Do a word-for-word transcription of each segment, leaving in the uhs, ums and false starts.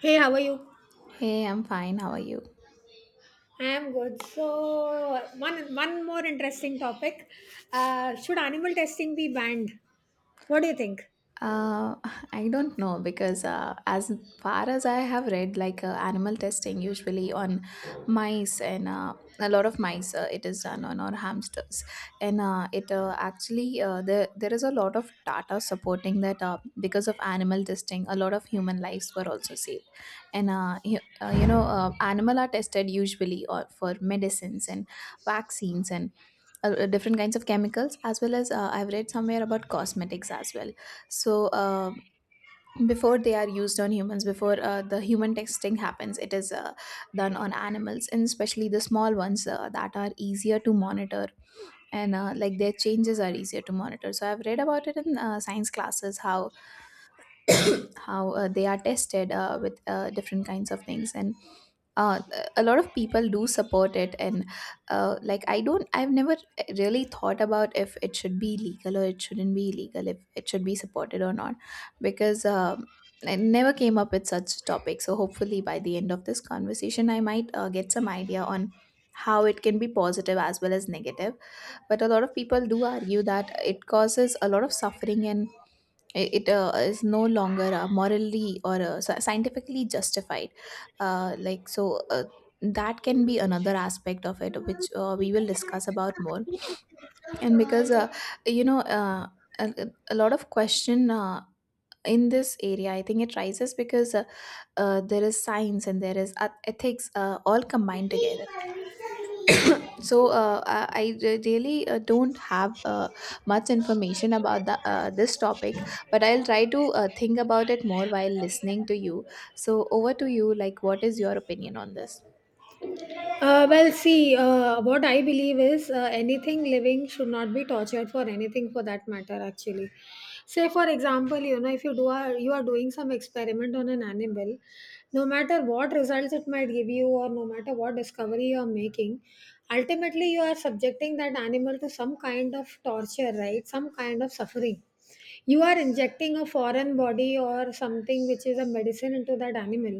Hey, how are you? Hey, I'm fine. How are you? I am good. So one one more interesting topic. Uh, should animal testing be banned? What do you think? Uh, I don't know because uh, as far as I have read, like uh, animal testing usually on mice and uh, a lot of mice, uh, it is done on, or hamsters, and uh, it uh, actually uh, there there is a lot of data supporting that uh, because of animal testing, a lot of human lives were also saved, and uh, you, uh, you know uh, animal are tested usually uh, for medicines and vaccines and uh, different kinds of chemicals, as well as, uh, I've read somewhere about cosmetics as well. So uh, before they are used on humans, before uh, the human testing happens, it is uh, done on animals, and especially the small ones uh, that are easier to monitor, and uh, like, their changes are easier to monitor. So I've read about it in uh, science classes, how how uh, they are tested uh, with uh, different kinds of things, and uh, a lot of people do support it. And uh, like i don't I've never really thought about if it should be legal or it shouldn't be legal, if it should be supported or not, because um, I never came up with such topic. So hopefully by the end of this conversation I might uh, get some idea on how it can be positive as well as negative. But a lot of people do argue that it causes a lot of suffering, and it, uh, is no longer uh, morally or uh, sci- scientifically justified. uh, like so uh, that can be another aspect of it, which uh, we will discuss about more. And because uh, you know uh, a, a lot of question uh, in this area, I think, it rises because uh, uh, there is science and there is eth- ethics uh, all combined together. so uh, I I re- really uh, don't have uh, much information about the, uh, this topic, but I'll try to uh, think about it more while listening to you. So over to you. Like, what is your opinion on this? Uh, well, see, uh, what I believe is uh, anything living should not be tortured for anything for that matter, actually. Say, for example, you know, if you do are you are doing some experiment on an animal, no matter what results it might give you, or no matter what discovery you are making, ultimately you are subjecting that animal to some kind of torture, right? Some kind of suffering. You are injecting a foreign body or something which is a medicine into that animal,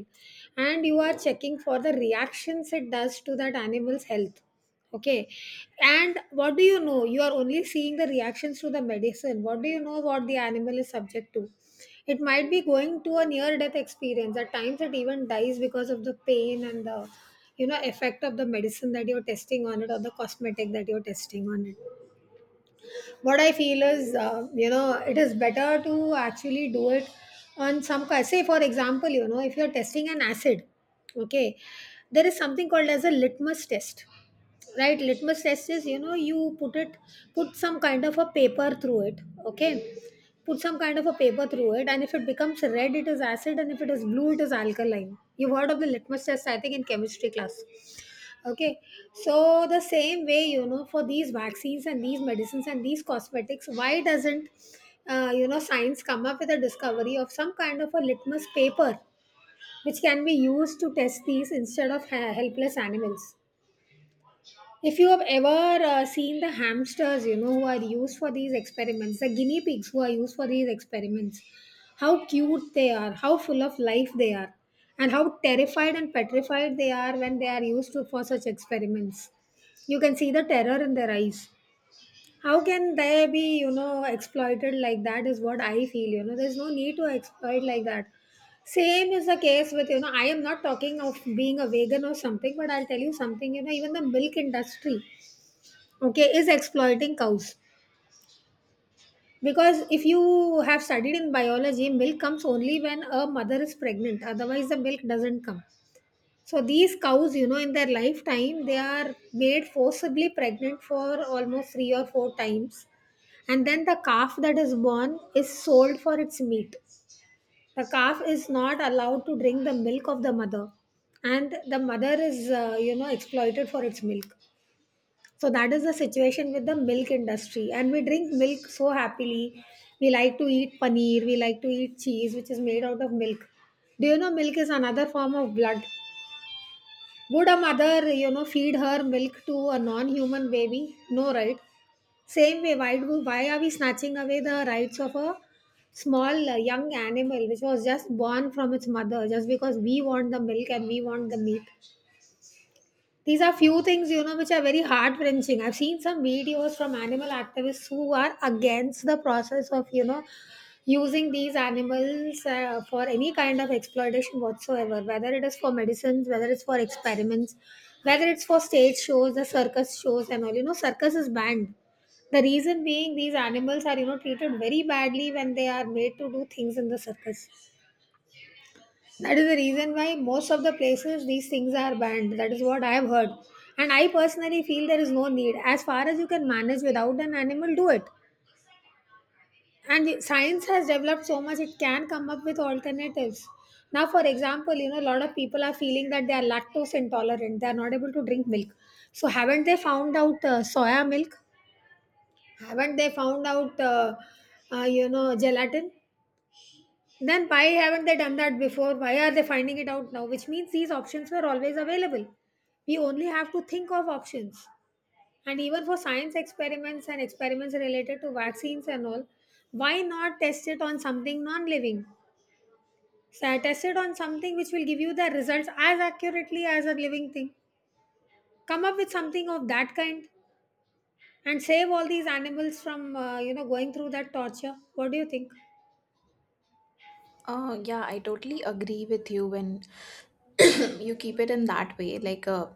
and you are checking for the reactions it does to that animal's health. Okay. And what do you know, you are only seeing the reactions to the medicine. What do you know what the animal is subject to? It might be going to a near death experience. At times it even dies because of the pain and the, you know effect of the medicine that you're testing on it, or the cosmetic that you're testing on it. What I feel is, uh, you know, it is better to actually do it on some ki- say, for example, you know, if you're testing an acid. Okay. There is something called as a litmus test, right? Litmus test is, you know, you put it put some kind of a paper through it. Okay. Put some kind of a paper through it, and if it becomes red it is acid, and if it is blue it is alkaline. You've heard of the litmus test, I think, in chemistry class. Okay, so the same way, you know, for these vaccines and these medicines and these cosmetics, why doesn't, uh, you know, science come up with a discovery of some kind of a litmus paper which can be used to test these instead of ha- helpless animals? If you have ever uh, seen the hamsters, you know, who are used for these experiments, the guinea pigs who are used for these experiments, how cute they are, how full of life they are, and how terrified and petrified they are when they are used to, for such experiments. You can see the terror in their eyes. How can they be, you know, exploited like that, is what I feel. You know, there's no need to exploit like that. Same is the case with, you know, I am not talking of being a vegan or something, but I'll tell you something, you know, even the milk industry, okay, is exploiting cows, because if you have studied in biology, milk comes only when a mother is pregnant, otherwise the milk doesn't come. So these cows, you know, in their lifetime they are made forcibly pregnant for almost three or four times, and then the calf that is born is sold for its meat. The calf is not allowed to drink the milk of the mother, and the mother is, uh, you know, exploited for its milk. So that is the situation with the milk industry. And we drink milk so happily. We like to eat paneer, we like to eat cheese, which is made out of milk. Do you know milk is another form of blood? Would a mother, you know, feed her milk to a non-human baby? No, right? Same way, why do why are we snatching away the rights of a small, uh, young animal which was just born from its mother, just because we want the milk and we want the meat? These are few things, you know, which are very heart wrenching. I've seen some videos from animal activists who are against the process of, you know, using these animals uh, for any kind of exploitation whatsoever, whether it is for medicines, whether it's for experiments, whether it's for stage shows, the circus shows, and all. You know, circus is banned. The reason being, these animals are, you know, treated very badly when they are made to do things in the circus. That is the reason why most of the places these things are banned. That is what I have heard. And I personally feel there is no need. As far as you can manage without an animal, do it. And science has developed so much, it can come up with alternatives. Now, for example, you know, a lot of people are feeling that they are lactose intolerant, they are not able to drink milk. So, haven't they found out uh, soya milk? Haven't they found out, uh, uh, you know, gelatin? Then why haven't they done that before? Why are they finding it out now? Which means these options were always available. We only have to think of options. And even for science experiments and experiments related to vaccines and all, why not test it on something non living? So test it on something which will give you the results as accurately as a living thing. Come up with something of that kind and save all these animals from, uh, you know, going through that torture. What do you think? Uh, yeah, I totally agree with you when you keep it in that way. Like, uh,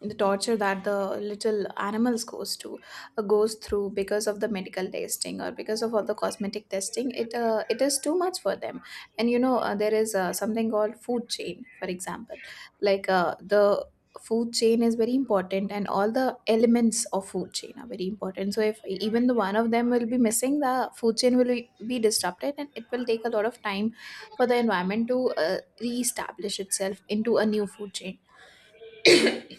The torture that the little animals goes to uh, goes through because of the medical testing or because of all the cosmetic testing, it uh, it is too much for them. And you know uh, there is uh, something called food chain, for example. Like uh, the food chain is very important, and all the elements of food chain are very important. So if even the one of them will be missing, the food chain will be be disrupted, and it will take a lot of time for the environment to uh, reestablish itself into a new food chain.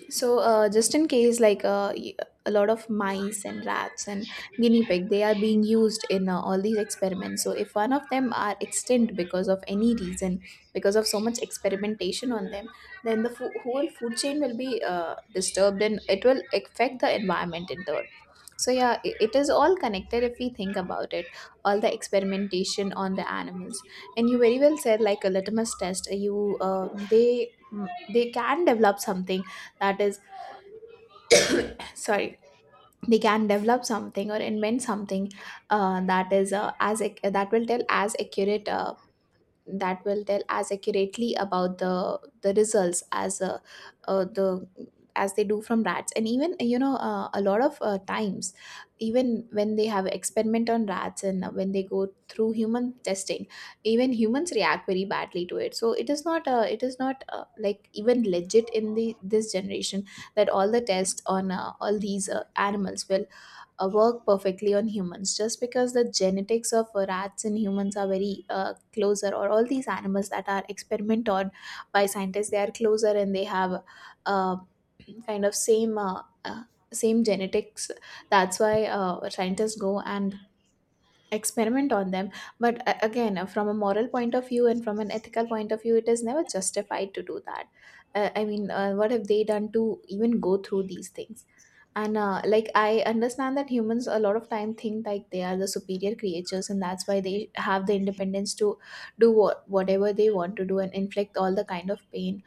So, uh, just in case, like uh, y- a lot of mice and rats and guinea pig, they are being used in uh, all these experiments. So, if one of them are extinct because of any reason, because of so much experimentation on them, then the fo- whole food chain will be uh, disturbed, and it will affect the environment in turn. So, yeah, i- it is all connected if we think about it, all the experimentation on the animals. And you very well said, like a litmus test, you uh, they they can develop something that is, sorry, they can develop something or invent something uh, that is, uh, as ac- that will tell as accurate, uh, that will tell as accurately about the the results as uh, uh, the as they do from rats. And even, you know uh, a lot of uh, times, even when they have experiment on rats and when they go through human testing, even humans react very badly to it. So it is not uh, it is not uh, like, even legit in the this generation that all the tests on uh, all these uh, animals will uh, work perfectly on humans, just because the genetics of uh, rats and humans are very uh, closer, or all these animals that are experimented on by scientists, they are closer, and they have uh, kind of same uh, uh, same genetics. That's why uh, scientists go and experiment on them. But a- again, uh, from a moral point of view and from an ethical point of view, it is never justified to do that. uh, I mean, uh, what have they done to even go through these things? And uh, like I understand that humans, a lot of time, think like they are the superior creatures, and that's why they have the independence to do what, whatever they want to do, and inflict all the kind of pain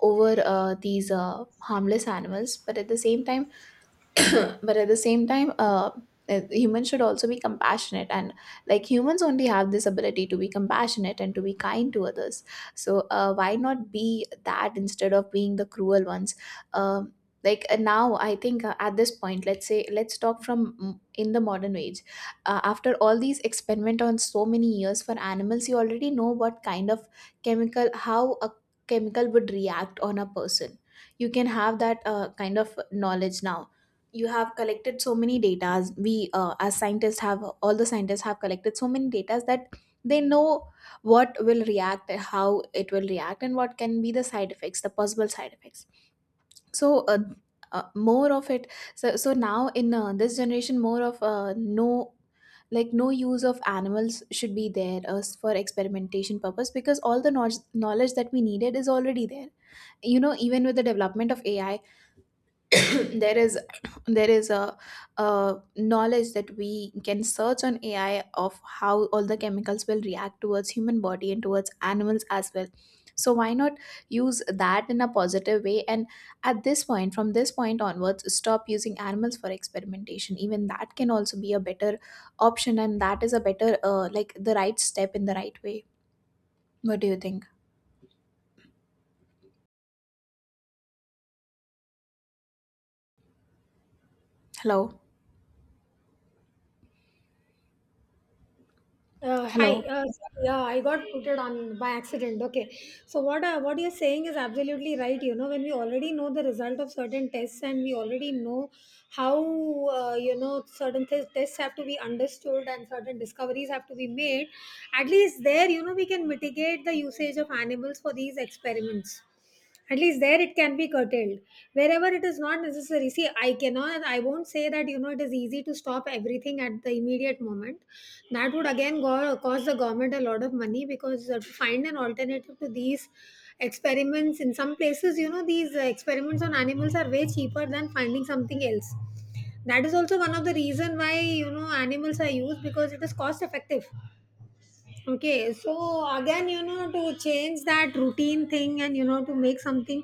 over uh, these uh, harmless animals. But at the same time, but at the same time, uh, uh, humans should also be compassionate, and like, humans only have this ability to be compassionate and to be kind to others. So uh, why not be that, instead of being the cruel ones? um, like uh, Now I think, uh, at this point, let's say, let's talk from, mm, in the modern age, uh, after all these experiment on so many years for animals, you already know what kind of chemical, how a chemical would react on a person. You can have that uh, kind of knowledge now. You have collected so many data, we uh, as scientists have all the scientists have collected so many data that they know what will react, how it will react, and what can be the side effects, the possible side effects. So uh, uh, more of it. So so now, in uh, this generation, more of uh, no, like, no use of animals should be there uh, for experimentation purpose, because all the knowledge, knowledge that we needed is already there. You know, even with the development of AI, there is, there is a, a knowledge that we can search on AI of how all the chemicals will react towards human body and towards animals as well. So why not use that in a positive way, and at this point, from this point onwards, stop using animals for experimentation? Even that can also be a better option, and that is a better, uh, like, the right step in the right way. What do you think? Hello? Uh, hi. Hello? Uh, sorry, yeah, I got muted on by accident. Okay. So what uh, what you're saying is absolutely right. You know, when we already know the result of certain tests, and we already know how, uh, you know, certain th- tests have to be understood and certain discoveries have to be made, at least there, you know, we can mitigate the usage of animals for these experiments. At least there it can be curtailed wherever it is not necessary. See, i cannot I won't say that, you know, it is easy to stop everything at the immediate moment. That would again go, cost the government a lot of money, because, uh, to find an alternative to these experiments in some places, you know, these uh, experiments on animals are way cheaper than finding something else. That is also one of the reason why, you know, animals are used, because it is cost effective. Okay, so again, you know, to change that routine thing and, you know, to make something,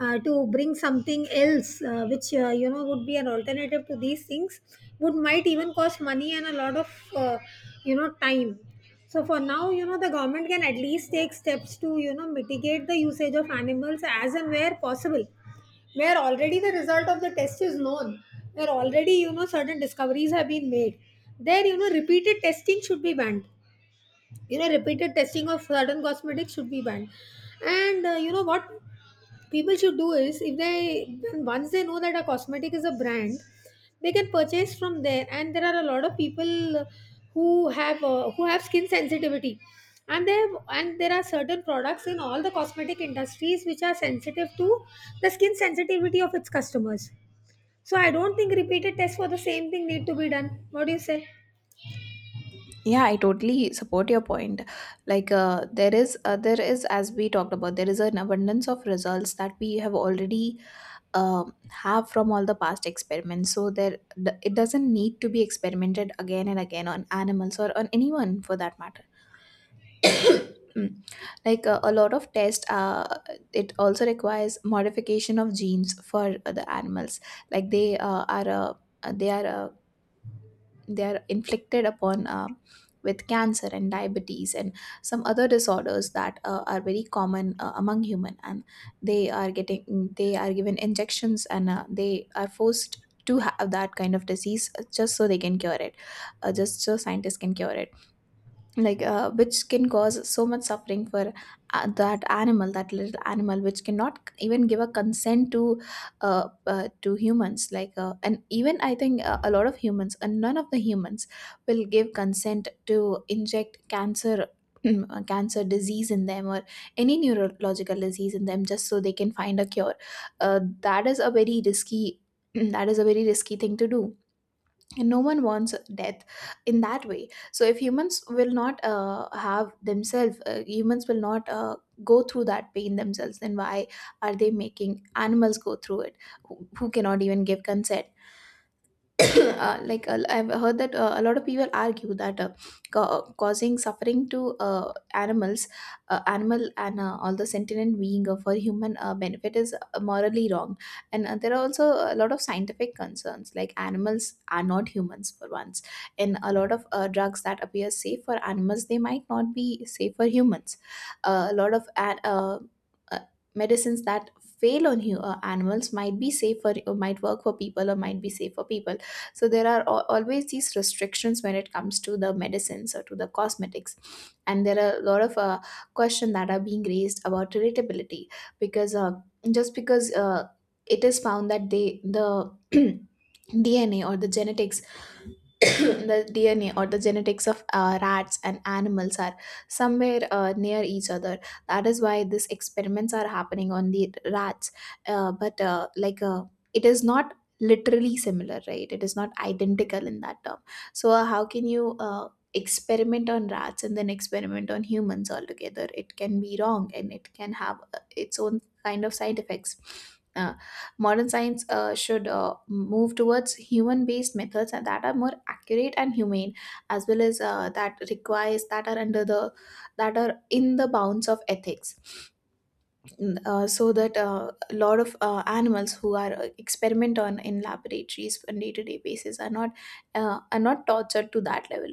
uh, to bring something else, uh, which, uh, you know, would be an alternative to these things, would might even cost money and a lot of, uh, you know, time. So for now, you know, the government can at least take steps to, you know, mitigate the usage of animals as and where possible, where already the result of the test is known, where already, you know, certain discoveries have been made. There, you know, repeated testing should be banned. You know, repeated testing of certain cosmetics should be banned. And, uh, you know what people should do is, if they when- once they know that a cosmetic is a brand, they can purchase from there. And there are a lot of people who have uh, who have skin sensitivity, and they have, and there are certain products in all the cosmetic industries which are sensitive to the skin sensitivity of its customers. So I don't think repeated tests for the same thing need to be done. What do you say? Yeah, I totally support your point. Like uh, there is, uh, there is, as we talked about, there is an abundance of results that we have already um have from all the past experiments. So there, th- it doesn't need to be experimented again and again on animals or on anyone for that matter. Mm. Like uh, a lot of tests, uh, it also requires modification of genes for uh, the animals. Like they uh, are uh, they are uh, they are inflicted upon, uh, with cancer and diabetes and some other disorders that uh, are very common uh, among human. And they are getting they are given injections, and uh, they are forced to have that kind of disease, uh, just so they can cure it, uh, just so scientists can cure it. Like uh, which can cause so much suffering for uh, that animal, that little animal, which cannot c- even give a consent to uh, uh, to humans. Like uh, and even I think uh, a lot of humans, and none of the humans, will give consent to inject cancer, uh, cancer disease in them, or any neurological disease in them, just so they can find a cure. Uh, that is a very risky, that is a very risky thing to do, and no one wants death in that way. So if humans will not uh, have themselves, uh, humans will not uh, go through that pain themselves, then why are they making animals go through it, who, who cannot even give consent? uh, like uh, I've heard that uh, a lot of people argue that, uh, ca- causing suffering to uh, animals, uh, animal and uh, all the sentient being uh, for human uh, benefit is uh, morally wrong. And uh, there are also a lot of scientific concerns, like animals are not humans for once, and a lot of uh, drugs that appear safe for animals, they might not be safe for humans. Uh, a lot of uh, uh, uh, medicines that fail on you uh, animals might be safe for, or might work for people, or might be safe for people. So there are al- always these restrictions when it comes to the medicines or to the cosmetics. And there are a lot of uh, questions that are being raised about relatability, because uh, just because uh, it is found that they the D N A or the genetics, the D N A or the genetics of uh, rats and animals are somewhere uh, near each other. That is why these experiments are happening on the rats. Uh, but uh, like uh, it is not literally similar, right? It is not identical in that term. So uh, how can you uh, experiment on rats and then experiment on humans altogether? It can be wrong and it can have uh, its own kind of side effects. Uh, Modern science uh, should uh, move towards human based methods and that are more accurate and humane, as well as uh, that requires that are under the that are in the bounds of ethics. Mm, Uh, so that uh, a lot of uh, animals who are uh, experiment on in laboratories on day to day basis are not uh, are not tortured to that level.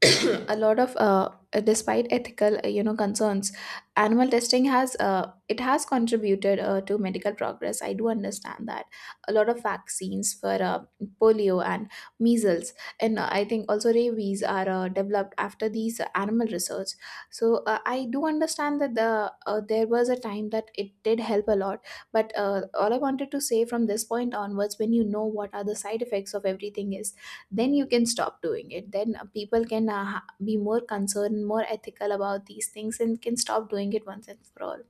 A lot of uh, despite ethical uh, you know concerns, animal testing has uh, it has contributed uh, to medical progress. I do understand that. A lot of vaccines for uh, polio and measles and uh, I think also rabies are uh, developed after these animal research. So uh, I do understand that the uh, there was a time that it did help a lot. But uh, all I wanted to say from this point onwards, when you know what are the side effects of everything, is then you can stop doing it. Then uh, people can uh, ha- be more concerned, more ethical about these things, and can stop doing it once and for all.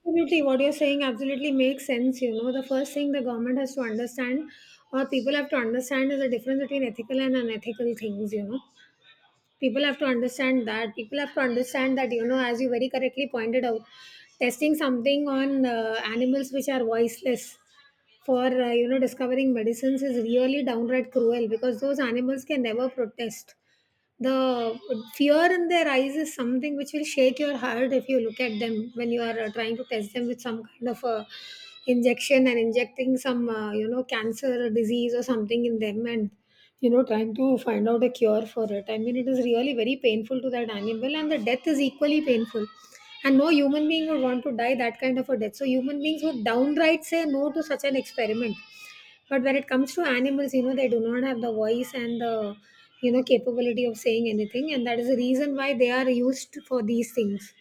Absolutely, what you're saying absolutely makes sense. You know, the first thing the government has to understand, or people have to understand, is the difference between ethical and unethical things. You know, people have to understand that people have to understand that, you know, as you very correctly pointed out, testing something on, uh, animals which are voiceless for, uh, you know, discovering medicines is really downright cruel, because those animals can never protest. The fear in their eyes is something which will shake your heart, if you look at them when you are, uh, trying to test them with some kind of, uh, injection, and injecting some, uh, you know, cancer disease or something in them, and, you know, trying to find out a cure for it. I mean, it is really very painful to that animal, and the death is equally painful. And no human being would want to die that kind of a death, so human beings would downright say no to such an experiment. But when it comes to animals, you know, they do not have the voice and the, you know, capability of saying anything, and that is the reason why they are used for these things.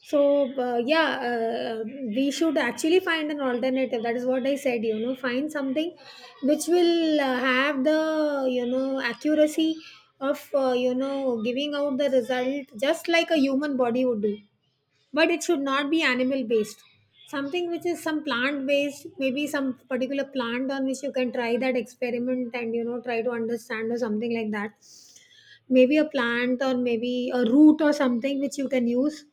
So, uh, yeah, uh, we should actually find an alternative. That is what I said, you know, find something which will uh, have the, you know, accuracy of, uh, you know, giving out the result just like a human body would do. But it should not be animal based. Something which is some plant based, maybe some particular plant on which you can try that experiment and, you know, try to understand, or something like that. Maybe a plant or maybe a root or something which you can use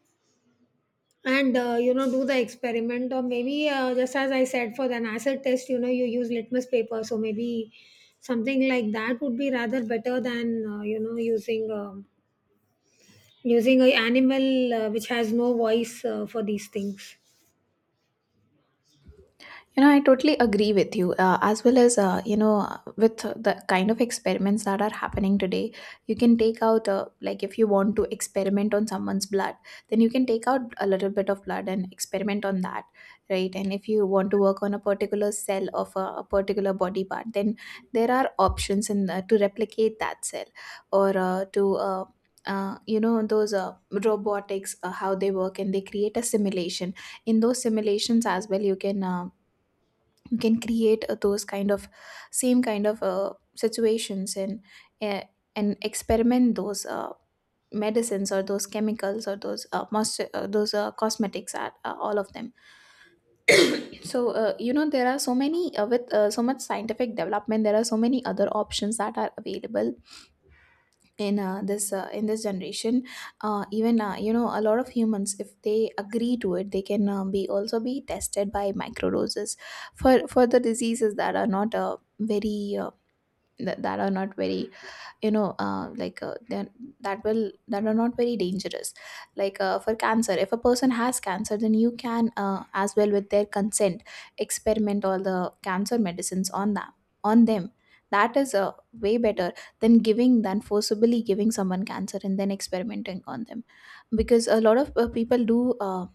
and uh, you know do the experiment, or maybe uh, just as I said, for the acid test, you know, you use litmus paper. So maybe something like that would be rather better than uh, you know using um using a animal, uh, which has no voice, uh, for these things. You know, I totally agree with you. Uh, as well as, uh, you know, uh, with the kind of experiments that are happening today, you can take out, uh, like, if you want to experiment on someone's blood, then you can take out a little bit of blood and experiment on that, right? And if you want to work on a particular cell of a, a particular body part, then there are options in uh, to replicate that cell or uh, to. Uh, uh, you know those uh, robotics, uh, how they work, and they create a simulation. In those simulations as well, you can uh, you can create uh, those kind of same kind of uh, situations and uh, and experiment those uh, medicines or those chemicals or those uh, must uh, those uh, cosmetics, are uh, all of them. So uh, you know there are so many uh, with uh, so much scientific development, there are so many other options that are available in uh, this uh, in this generation. Uh, even uh, you know a lot of humans, if they agree to it, they can uh, be also be tested by microdoses for for the diseases that are not uh, very uh, th- that are not very, you know uh, like uh, then that will that are not very dangerous. Like uh, for cancer, if a person has cancer, then you can, uh, as well with their consent, experiment all the cancer medicines on them on them. That is uh, way better than giving than forcibly giving someone cancer and then experimenting on them, because a lot of uh, people do uh,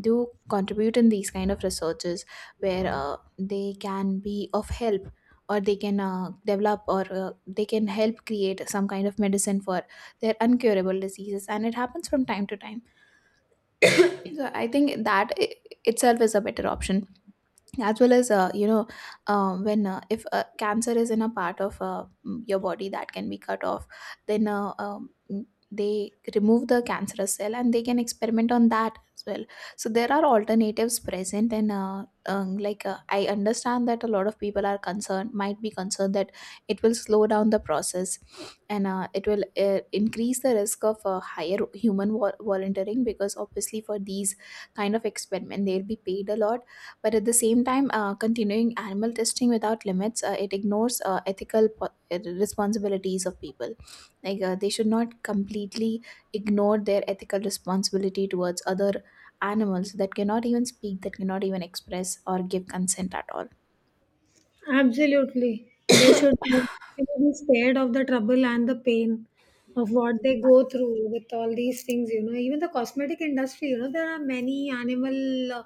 do contribute in these kind of researches where uh, they can be of help, or they can uh, develop, or uh, they can help create some kind of medicine for their uncurable diseases, and it happens from time to time. So I think that i- itself is a better option. As well as uh, you know um, when uh, if uh, cancer is in a part of uh, mm, your body that can be cut off, then uh, um, mm, they remove the cancerous cell and they can experiment on that as well. So there are alternatives present, and uh, um, like uh, I understand that a lot of people are concerned might be concerned that it will slow down the process, and uh, it will uh, increase the risk of uh, higher human vol- volunteering, because obviously for these kind of experiment they'll be paid a lot. But at the same time, uh, continuing animal testing without limits, uh, it ignores uh, ethical po- uh, responsibilities of people. Like uh, they should not completely ignore their ethical responsibility towards other animals that cannot even speak, that cannot even express or give consent at all. Absolutely. They should not, they should be scared of the trouble and the pain of what they go through with all these things, you know. Even the cosmetic industry, you know, there are many animal uh,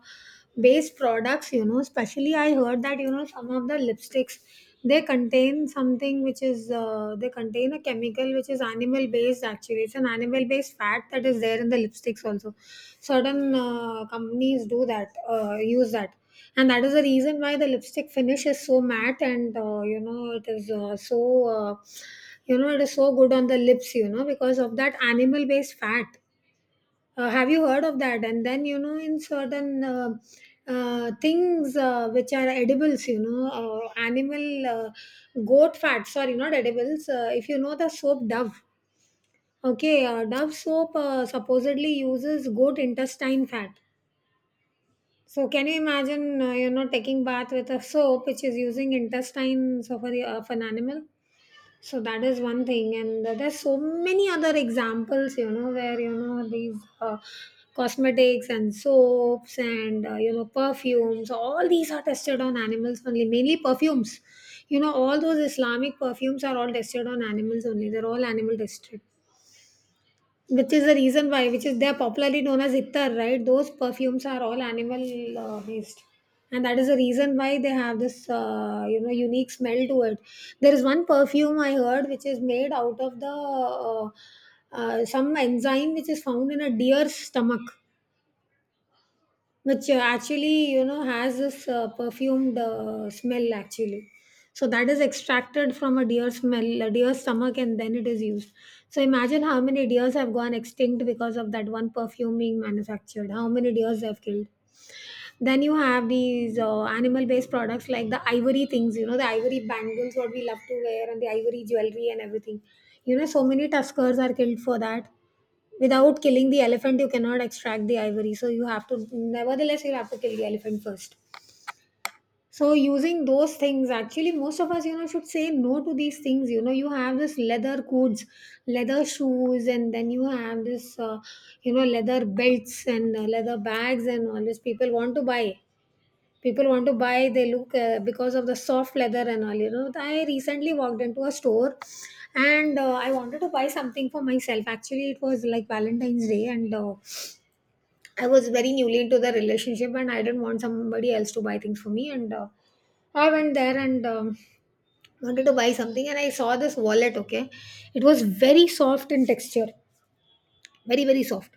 based products, you know. Especially, I heard that, you know, some of the lipsticks, they contain something which is, uh, they contain a chemical which is animal based actually. It's an animal based fat that is there in the lipsticks also. Certain uh, companies do that, uh, use that, and that is the reason why the lipstick finish is so matte and uh, you know, it is uh, so uh, you know, it is so good on the lips, you know, because of that animal based fat. Uh, have you heard of that? And then, you know, in certain uh, uh, things uh, which are edibles, you know, uh, animal, uh, goat fat, sorry, not edibles. Uh, if you know the soap Dove, okay, uh, Dove soap uh, supposedly uses goat intestine fat. So can you imagine, uh, you know, taking bath with a soap which is using intestines of, a, of an animal? So that is one thing, and there's so many other examples, you know, where, you know, these uh, cosmetics and soaps and uh, you know, perfumes, all these are tested on animals only, mainly perfumes. You know, all those Islamic perfumes are all tested on animals only. They're all animal tested, which is the reason why, which is, they're popularly known as ittar, right? Those perfumes are all animal uh, based, and that is the reason why they have this uh, you know, unique smell to it. There is one perfume I heard which is made out of the uh, uh, some enzyme which is found in a deer's stomach, which uh, actually, you know, has this uh, perfumed uh, smell actually. So that is extracted from a deer smell, a deer stomach, and then it is used. So imagine how many deers have gone extinct because of that one perfume being manufactured, how many deers they have killed. Then you have these uh, animal based products like the ivory things, you know, the ivory bangles, what we love to wear, and the ivory jewelry and everything. You know, so many tuskers are killed for that. Without killing the elephant, you cannot extract the ivory. So you have to, nevertheless, you'll have to kill the elephant first. So using those things, actually, most of us, you know, should say no to these things. You know, you have this leather coats, leather shoes, and then you have this, uh, you know, leather belts and uh, leather bags and all this. People want to buy people want to buy they look uh, because of the soft leather and all. You know, I recently walked into a store, and uh, I wanted to buy something for myself. Actually, it was like Valentine's Day, and uh, I was very newly into the relationship, and I didn't want somebody else to buy things for me. And uh, I went there and um, wanted to buy something, and I saw this wallet, okay. It was very soft in texture, very very soft.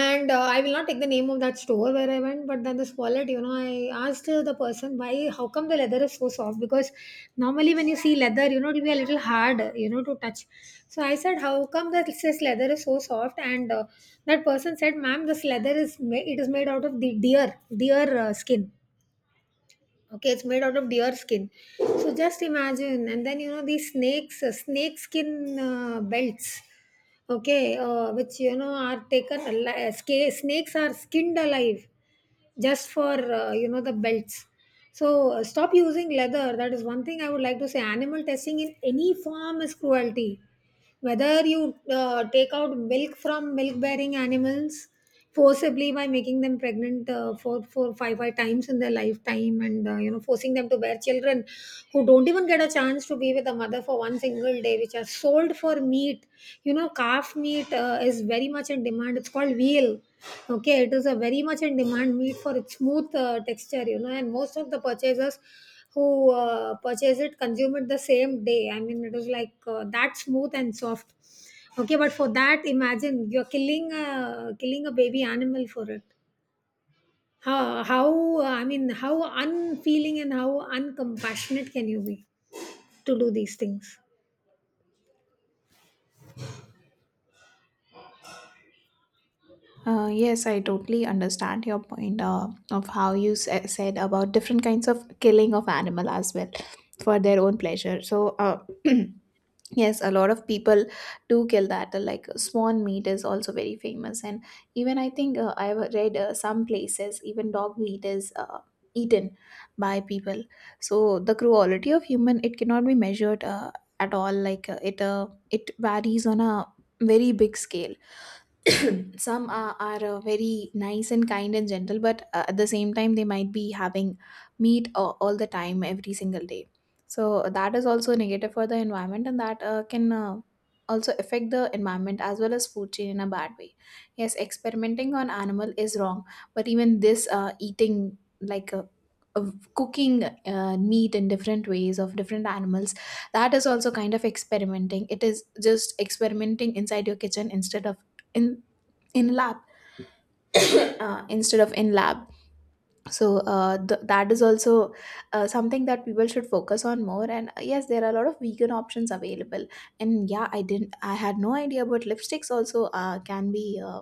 And uh, I will not take the name of that store where I went, but then this wallet, you know, I asked uh, the person why, how come the leather is so soft, because normally when you see leather, you know, it'll be a little hard, you know, to touch. So I said, how come that this leather is so soft? And uh, that person said, ma'am, this leather is ma- it is made out of the deer deer uh, skin. Okay, it's made out of deer skin. So just imagine. And then, you know, these snakes, uh, snake skin uh, belts, okay, uh, which, you know, are taken ali- sca- snakes are skinned alive just for uh, you know, the belts. So uh, stop using leather. That is one thing I would like to say. Animal testing in any form is cruelty, whether you uh, take out milk from milk bearing animals forcibly by making them pregnant uh, four, four, five, five times in their lifetime, and uh, you know, forcing them to bear children who don't even get a chance to be with a mother for one single day, which are sold for meat. You know, calf meat uh, is very much in demand, it's called veal. Okay, it is a very much in demand meat for its smooth uh, texture, you know, and most of the purchasers who uh, purchased it consumed it the same day. I mean, it was like uh, that smooth and soft. Okay, but for that, imagine you're killing a killing a baby animal for it. how, how uh, I mean, how unfeeling and how uncompassionate can you be to do these things? Uh, yes, I totally understand your point uh, of how you s- said about different kinds of killing of animal as well for their own pleasure. So, uh, Yes, a lot of people do kill that. uh, Like swan meat is also very famous, and even I think uh, I've read uh, some places even dog meat is uh, eaten by people. So the cruelty of human, it cannot be measured uh, at all. Like uh, it uh, it varies on a very big scale. Some are, are uh, very nice and kind and gentle, but uh, at the same time they might be having meat uh, all the time, every single day. So that is also negative for the environment, and that uh, can uh, also affect the environment as well as food chain in a bad way. Yes, experimenting on animal is wrong, but even this uh, eating, like uh, of cooking uh, meat in different ways of different animals, that is also kind of experimenting. It is just experimenting inside your kitchen instead of in in lab, uh, instead of in lab so uh, th- that is also uh, something that people should focus on more. And uh, yes, there are a lot of vegan options available. And yeah, i didn't I had no idea, but lipsticks also uh, can be uh,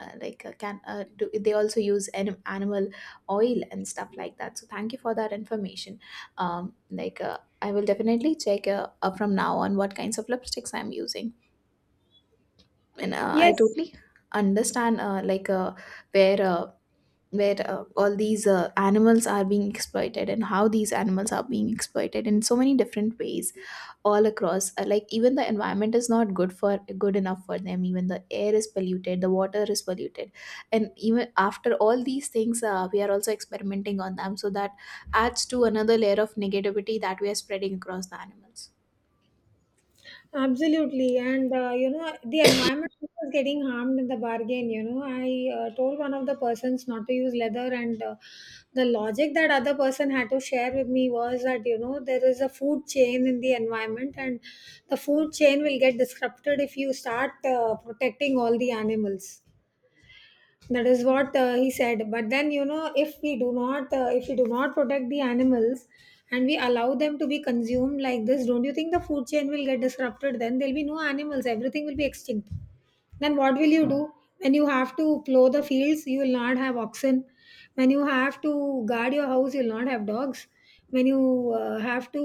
uh, like uh, can uh, do, they also use anim- animal oil and stuff like that, so thank you for that information. um like uh, I will definitely check, uh, uh, from now on, what kinds of lipsticks I'm using. And uh, I Yes. totally understand, uh, like uh, where uh, where uh, all these uh, animals are being exploited, and how these animals are being exploited in so many different ways all across. Uh, like even the environment is not good for good enough for them. Even the air is polluted, the water is polluted, and even after all these things, uh, we are also experimenting on them. So that adds to another layer of negativity that we are spreading across the animals. Absolutely, and uh, you know, the environment is getting harmed in the bargain. You know, I uh, told one of the persons not to use leather, and uh, the logic that other person had to share with me was that, you know, there is a food chain in the environment, and the food chain will get disrupted if you start uh, protecting all the animals. That is what uh, he said. But then, you know, if we do not uh, if we do not protect the animals and we allow them to be consumed like this, don't you think the food chain will get disrupted? Then there'll be no animals, everything will be extinct. Then what will you do? When you have to plow the fields, you will not have oxen. When you have to guard your house, you will not have dogs. When you uh, have to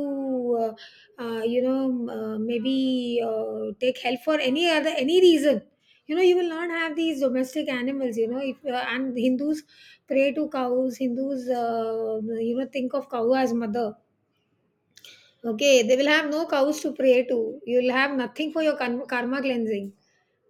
uh, uh, you know, um, uh, maybe uh, take help for any other any reason, you know, you will not have these domestic animals, you know. If uh, and hindus pray to cows, hindus uh, you know, think of cow as mother. Okay, they will have no cows to pray to. You will have nothing for your karma, karma cleansing.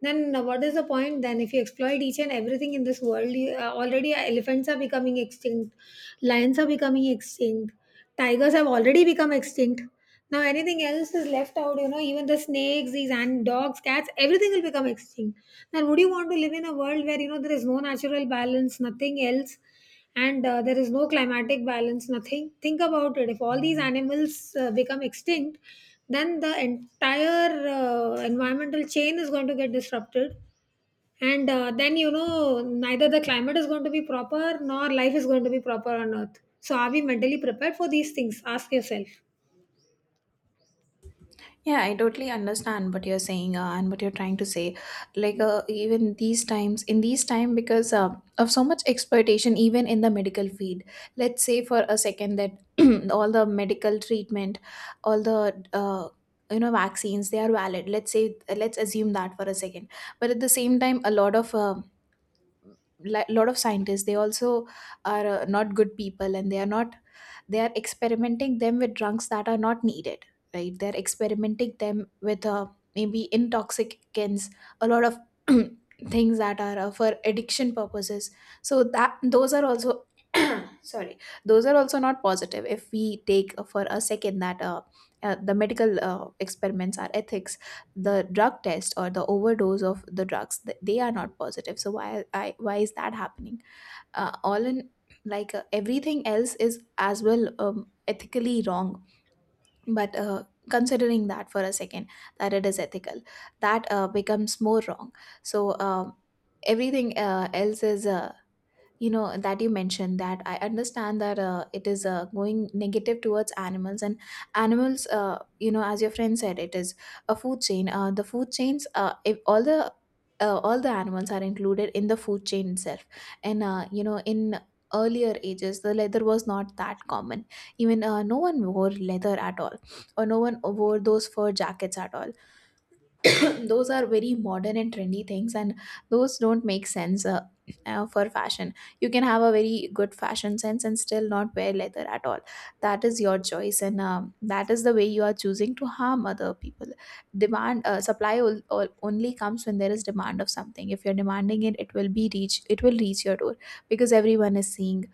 Then uh, what is the point then if you exploit each and everything in this world? You, uh, already uh, elephants are becoming extinct, lions are becoming extinct, tigers have already become extinct. Now anything else is left out, you know, even the snakes, these and dogs, cats, everything will become extinct. Then would you want to live in a world where you know there is no natural balance, nothing else? And uh, there is no climatic balance, nothing. Think about it. If all these animals uh, become extinct, then the entire uh, environmental chain is going to get disrupted. And uh, then, you know, neither the climate is going to be proper nor life is going to be proper on earth. So are we mentally prepared for these things? Ask yourself. Yeah, I totally understand what you're saying uh, and what you're trying to say. Like, uh, even these times, in these time, because uh, of so much exploitation, even in the medical field. Let's say for a second that all the medical treatment, all the uh, you know vaccines, they are valid. Let's say, let's assume that for a second. But at the same time, a lot of uh, li- lot of scientists, they also are uh, not good people, and they are not, they are experimenting them with drugs that are not needed, right? They're experimenting them with, uh, maybe, intoxicants, a lot of things that are uh, for addiction purposes. So that those are also sorry, those are also not positive. If we take uh, for a second that uh, uh, the medical uh, experiments are ethics, the drug test or the overdose of the drugs, th- they are not positive. So why I, why is that happening? Uh, all in like uh, Everything else is as well, um, ethically wrong, but uh, considering that for a second that it is ethical, that uh, becomes more wrong. So, um, everything uh, else is, uh, you know that you mentioned, that I understand that uh, it is uh, going negative towards animals. And animals, uh, you know as your friend said, it is a food chain. Uh, the food chains uh, If all the uh, all the animals are included in the food chain itself, and uh, you know in earlier ages, the leather was not that common. Even uh, no one wore leather at all, or no one wore those fur jackets at all. Those are very modern and trendy things, and those don't make sense uh, uh, for fashion. You can have a very good fashion sense and still not wear leather at all. That is your choice, and um, that is the way you are choosing to harm other people. Demand uh, supply ol- ol- only comes when there is demand of something. If you're demanding it, it will be reach it will reach your door, because everyone is seeing,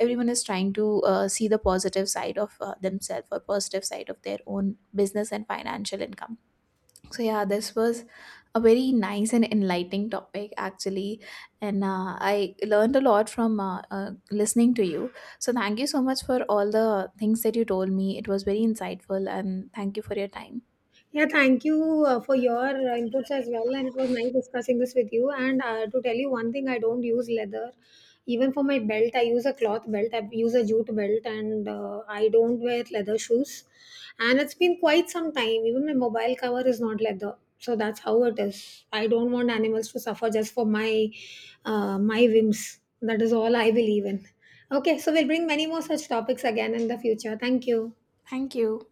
everyone is trying to uh, see the positive side of uh, themselves, or positive side of their own business and financial income. So yeah, this was a very nice and enlightening topic actually, and uh, I learned a lot from uh, uh, listening to you. So thank you so much for all the things that you told me. It was very insightful, and thank you for your time. Yeah, thank you uh, for your uh, inputs as well. And it was nice discussing this with you. And uh, to tell you one thing, I don't use leather. Even for my belt, I use a cloth belt. I use a jute belt, and uh, I don't wear leather shoes. And it's been quite some time. Even my mobile cover is not leather. So that's how it is. I don't want animals to suffer just for my uh, my whims. That is all I believe in. Okay, so we'll bring many more such topics again in the future. Thank you. Thank you.